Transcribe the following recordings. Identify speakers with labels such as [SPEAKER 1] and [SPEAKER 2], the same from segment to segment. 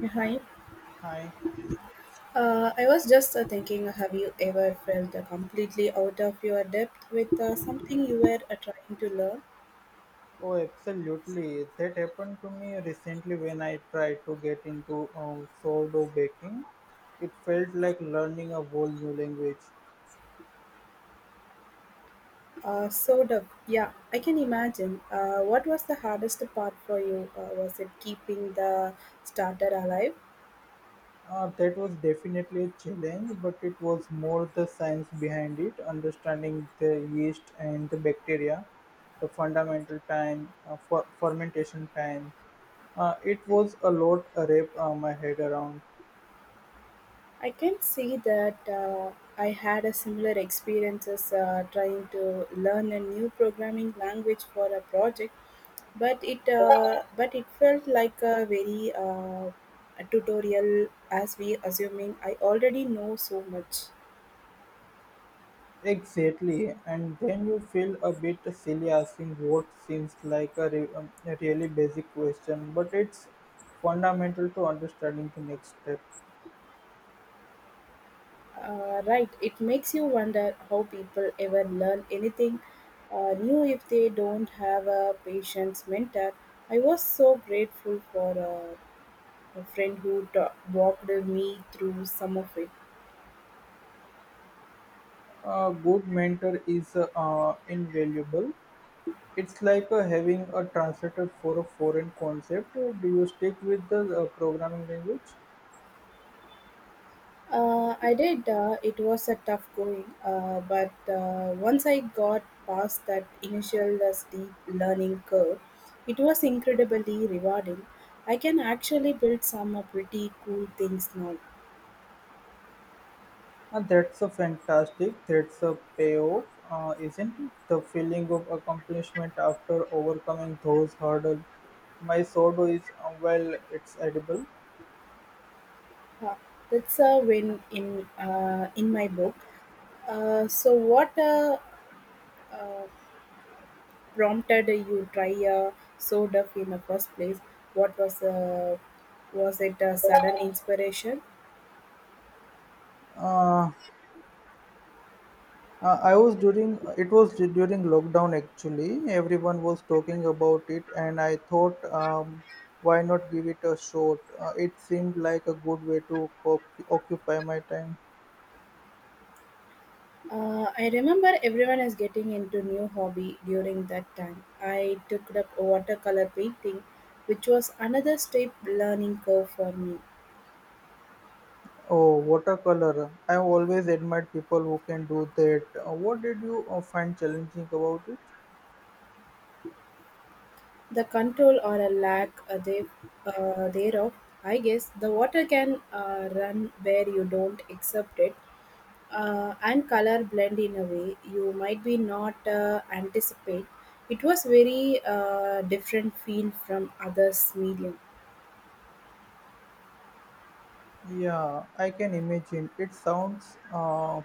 [SPEAKER 1] Yeah, hi.
[SPEAKER 2] Hi.
[SPEAKER 1] I was just thinking, have you ever felt completely out of your depth with something you were trying to learn?
[SPEAKER 2] Oh, absolutely. That happened to me recently when I tried to get into sourdough baking. It felt like learning a whole new language.
[SPEAKER 1] Sort of, yeah, I can imagine. What was the hardest part for you? Was it keeping the starter alive?
[SPEAKER 2] That was definitely a challenge, but it was more the science behind it, understanding the yeast and the bacteria, the fundamental time, for fermentation time. It was a lot to wrap my head around.
[SPEAKER 1] I can see that, I had a similar experiences trying to learn a new programming language for a project. But it felt like a very a tutorial as we assuming I already know so much
[SPEAKER 2] Exactly, and then you feel a bit silly asking what seems like a really basic question, but it's fundamental to understanding the next step.
[SPEAKER 1] uh, right it makes you wonder how people ever learn anything new if they don't have a patient's mentor. I was so grateful for a friend who walked me through some of it.
[SPEAKER 2] A good mentor is invaluable. It's like having a translator for a foreign concept. Do you stick with the programming language?
[SPEAKER 1] I did. It was a tough going, but once I got past that initial steep learning curve, it was incredibly rewarding. I can actually build some pretty cool things now.
[SPEAKER 2] And that's a fantastic. That's a payoff, isn't it? The feeling of accomplishment after overcoming those hurdles. My sourdough is well, it's edible.
[SPEAKER 1] Huh. That's a win in my book. So, what uh, prompted you try soda in the first place? What was it a sudden inspiration?
[SPEAKER 2] Uh, I was during it was du- During lockdown actually. Everyone was talking about it, and I thought, why not give it a shot? It seemed like a good way to occupy my time.
[SPEAKER 1] I remember everyone is getting into new hobby during that time. I took up watercolor painting, which was another steep learning curve for me.
[SPEAKER 2] Oh, watercolor. I always admired people who can do that. What did you find challenging about it?
[SPEAKER 1] The control or a lack thereof, I guess the water can run where you don't accept it, and color blend in a way you might be not anticipate. It was very different feel from others medium.
[SPEAKER 2] Yeah, I can imagine. It sounds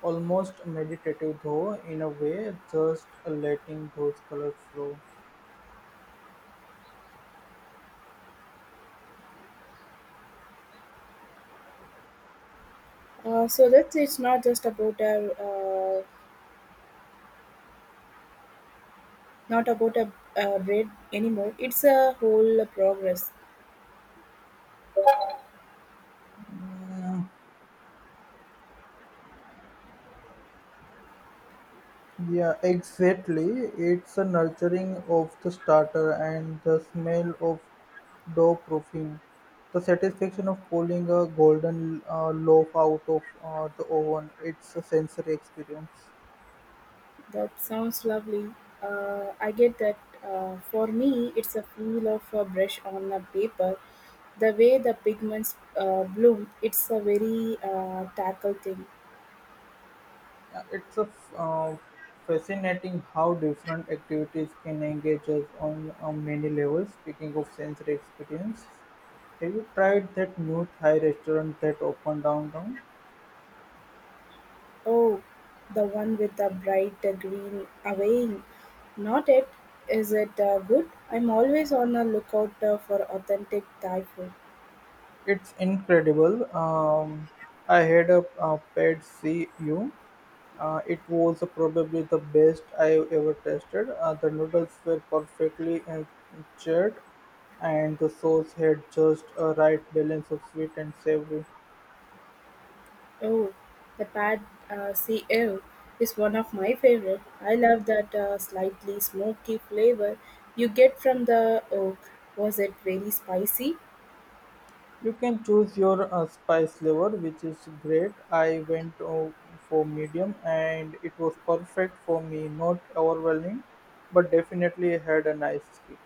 [SPEAKER 2] almost meditative, though, in a way, just letting those colors flow.
[SPEAKER 1] So let it's not just about a not about a, bread anymore. It's a whole progress.
[SPEAKER 2] Mm, Yeah exactly. It's a nurturing of the starter and the smell of dough proofing. The satisfaction of pulling a golden loaf out of the oven. It's a sensory experience.
[SPEAKER 1] That sounds lovely. I get that. For me, it's a feel of a brush on a paper. The way the pigments bloom, it's a very tackle thing.
[SPEAKER 2] Uh, It's a f- uh, Fascinating how different activities can engage us on many levels. Speaking of sensory experience, have you tried that new Thai restaurant that opened downtown?
[SPEAKER 1] Oh, the one with the bright green awaying. Not it. Is it good? I'm always on the lookout for authentic Thai food.
[SPEAKER 2] It's incredible. I had a pet CU. It was probably the best I ever tasted. The noodles were perfectly charred, and the sauce had just a right balance of sweet and savory.
[SPEAKER 1] Oh, the pad see ew is one of my favorite. I love that slightly smoky flavor you get from the oak. Was it very spicy?
[SPEAKER 2] You can choose your spice level, which is great. I went for medium, and it was perfect for me. Not overwhelming, but definitely had a nice kick.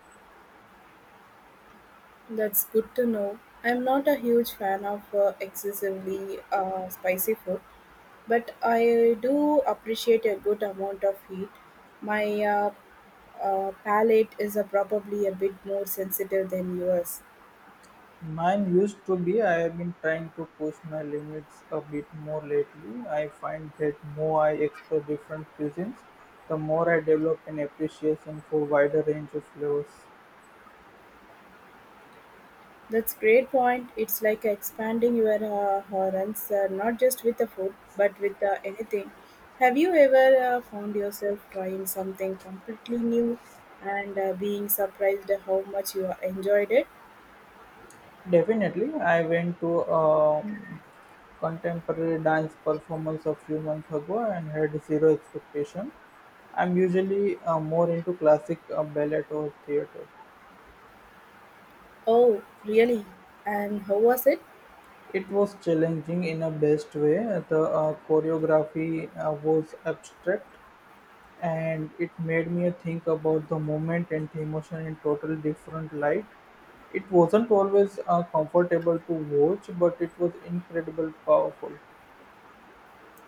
[SPEAKER 1] That's good to know. I'm not a huge fan of excessively spicy food, but I do appreciate a good amount of heat. My palate is probably a bit more sensitive than yours.
[SPEAKER 2] Mine used to be. I have been trying to push my limits a bit more lately. I find that more I explore different cuisines, the more I develop an appreciation for wider range of flavors.
[SPEAKER 1] That's great point. It's like expanding your horizons, not just with the food, but with anything. Have you ever found yourself trying something completely new and being surprised how much you enjoyed it?
[SPEAKER 2] Definitely, I went to a contemporary dance performance a few months ago and had zero expectation. I'm usually more into classic ballet or theater.
[SPEAKER 1] Oh, really? And how was it?
[SPEAKER 2] It was challenging in a best way. The choreography was abstract, and it made me think about the moment and the emotion in total different light. It wasn't always comfortable to watch, but it was incredible powerful.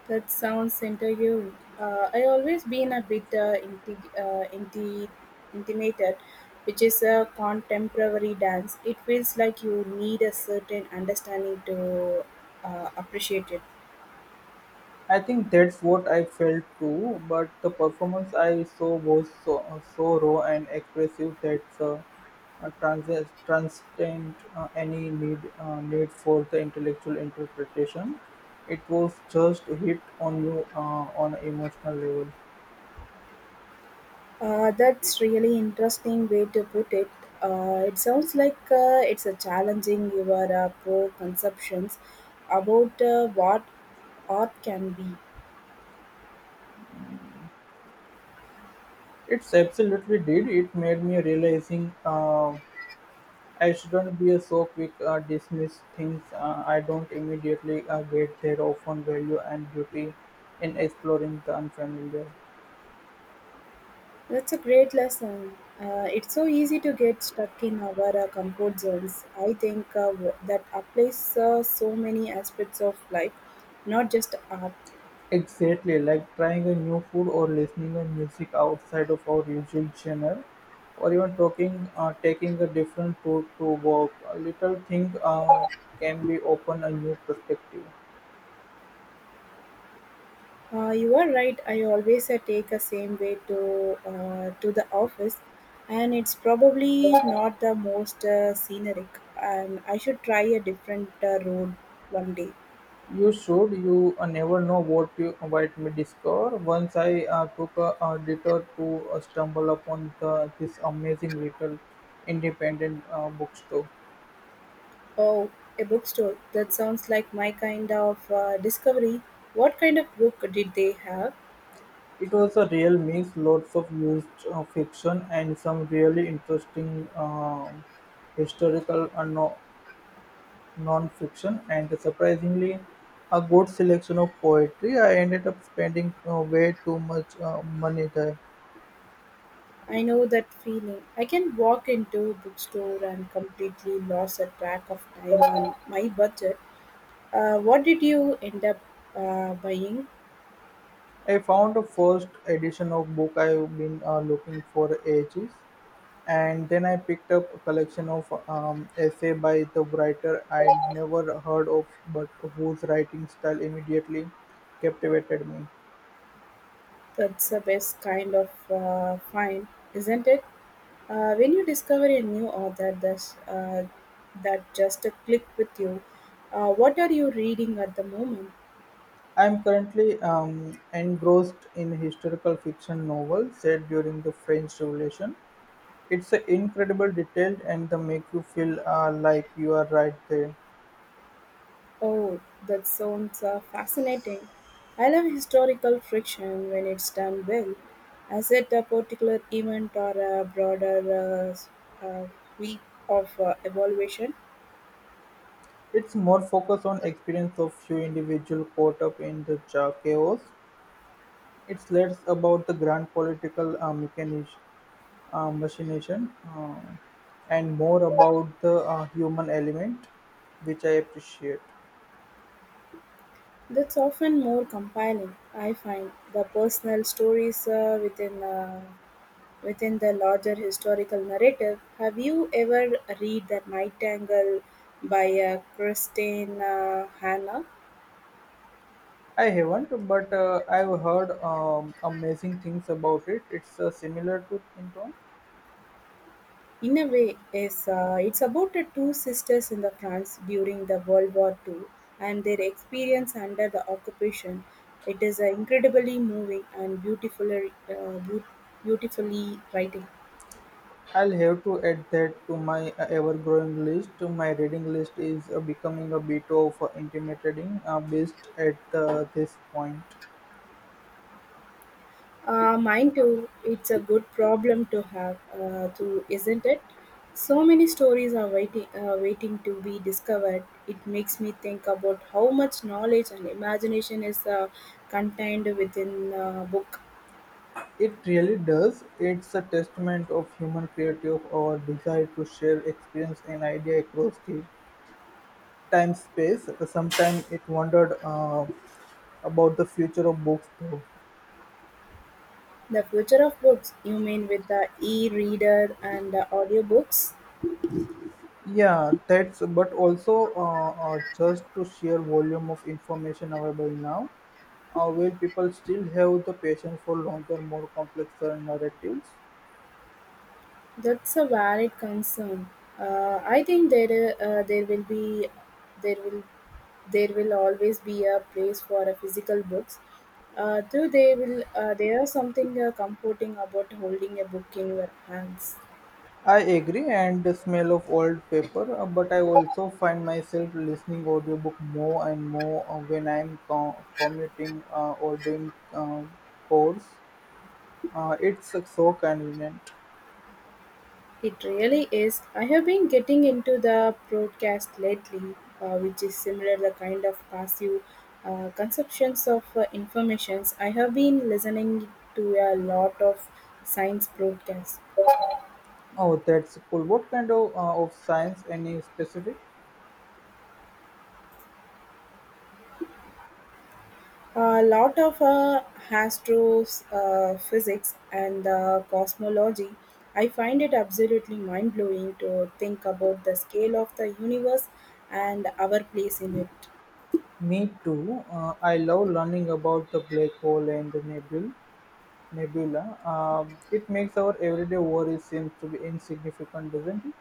[SPEAKER 1] That sounds intriguing. I always been a bit intimidated, which is a contemporary dance. It feels like you need a certain understanding to appreciate it.
[SPEAKER 2] I think that's what I felt too, but the performance I saw was so raw and expressive that transcend any need need for the intellectual interpretation. It was just hit on you on an emotional level.
[SPEAKER 1] That's really interesting way to put it. It sounds like it's a challenging your preconceptions about what art can be.
[SPEAKER 2] It's absolutely did. It made me realizing I shouldn't be a so quick dismiss things. I don't immediately get their often value and beauty in exploring the unfamiliar.
[SPEAKER 1] That's a great lesson. It's so easy to get stuck in our comfort zones. I think, that applies so many aspects of life, not just art.
[SPEAKER 2] Exactly, like trying a new food or listening to music outside of our usual channel, or even taking a different route to work. A little thing can be open a new perspective.
[SPEAKER 1] You are right. I always take the same way to the office, and it's probably not the most scenic. And I should try a different road one day.
[SPEAKER 2] You should. You never know what you might me discover. Once I took a detour to stumble upon this amazing little independent bookstore.
[SPEAKER 1] Oh, a bookstore. That sounds like my kind of discovery. What kind of book did they have?
[SPEAKER 2] It was a real mix, lots of used fiction and some really interesting historical and no, non-fiction, and surprisingly, a good selection of poetry. I ended up spending way too much money there.
[SPEAKER 1] I know that feeling. I can walk into a bookstore and completely lost a track of time on my budget. What did you end up buying?
[SPEAKER 2] I found the first edition of book I've been looking for ages, and then I picked up a collection of essay by the writer I'd never heard of, but whose writing style immediately captivated me.
[SPEAKER 1] That's the best kind of find, isn't it? When you discover a new author that's, that just a click with you, what are you reading at the moment?
[SPEAKER 2] I'm currently engrossed in historical fiction novel set during the French Revolution. It's incredible detailed and they make you feel like you are right there.
[SPEAKER 1] Oh, that sounds fascinating. I love historical friction when it's done well. Is it a particular event or a broader uh, sweep of evaluation?
[SPEAKER 2] It's more focused on experience of few individual caught up in the chaos. It's less about the grand political mechanish, machination and more about the human element, which I appreciate.
[SPEAKER 1] That's often more compelling, I find, the personal stories within the larger historical narrative. Have you ever read The Nightingale by Christine Hannah?
[SPEAKER 2] I haven't, but I've heard amazing things about it. It's similar to in.
[SPEAKER 1] In a way, yes, it's about the two sisters in the France during the World War II and their experience under the occupation. It is an incredibly moving and beautifully writing.
[SPEAKER 2] I'll have to add that to my ever-growing list. My reading list is becoming a bit of intimidating based at this point.
[SPEAKER 1] Mine too. It's a good problem to have, too, isn't it? So many stories are waiting to be discovered. It makes me think about how much knowledge and imagination is contained within a book.
[SPEAKER 2] It really does. It's a testament of human creative or desire to share experience and idea across the time space. Sometimes it wondered about the future of books, though.
[SPEAKER 1] The future of books, you mean with the e-reader and the audiobooks?
[SPEAKER 2] Yeah, that's but also just to sheer volume of information available now, will people still have the patience for longer, more complex narratives?
[SPEAKER 1] That's a valid concern. I think there will there will always be a place for a physical books. Though they will there are something comforting about holding a book in your hands.
[SPEAKER 2] I agree, and the smell of old paper, but I also find myself listening audiobook more and more when I'm commuting or doing course. It's so convenient.
[SPEAKER 1] It really is. I have been getting into the broadcast lately, which is similar the kind of passive conceptions of informations. I have been listening to a lot of science broadcasts,
[SPEAKER 2] Oh, that's cool. What kind of science? Any specific?
[SPEAKER 1] a lot of astrophysics physics and cosmology. I find it absolutely mind blowing to think about the scale of the universe and our place in it.
[SPEAKER 2] Me too. I love learning about the black hole and the nebula. Nebula. It makes our everyday worries seem to be insignificant, doesn't it?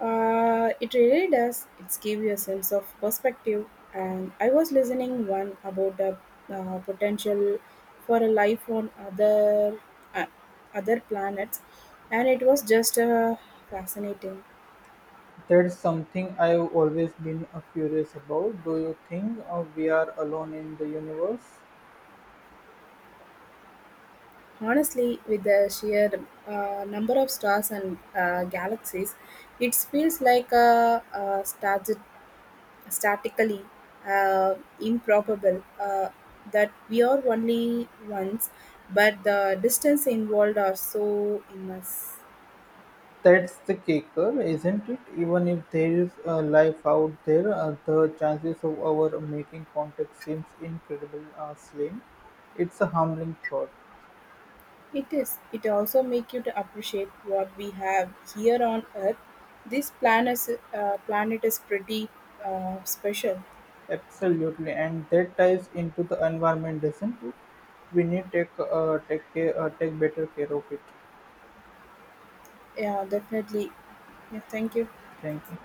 [SPEAKER 1] It really does. It's give you a sense of perspective. And I was listening one about the potential for a life on uh, other planets, and it was just fascinating.
[SPEAKER 2] That's something I've always been curious about. Do you think we are alone in the universe?
[SPEAKER 1] Honestly, with the sheer number of stars and galaxies, it feels like a star statically improbable that we are only once, but the distance involved are so immense.
[SPEAKER 2] That's the kicker, isn't it? Even if there is life out there, the chances of our making contact seems incredible slim. It's a humbling thought.
[SPEAKER 1] It is. It also make you to appreciate what we have here on Earth. This planet is pretty special.
[SPEAKER 2] Absolutely, and that ties into the environment, doesn't it? We need take take care, take better care of it.
[SPEAKER 1] Yeah, definitely. Yeah, thank you.
[SPEAKER 2] Thank you.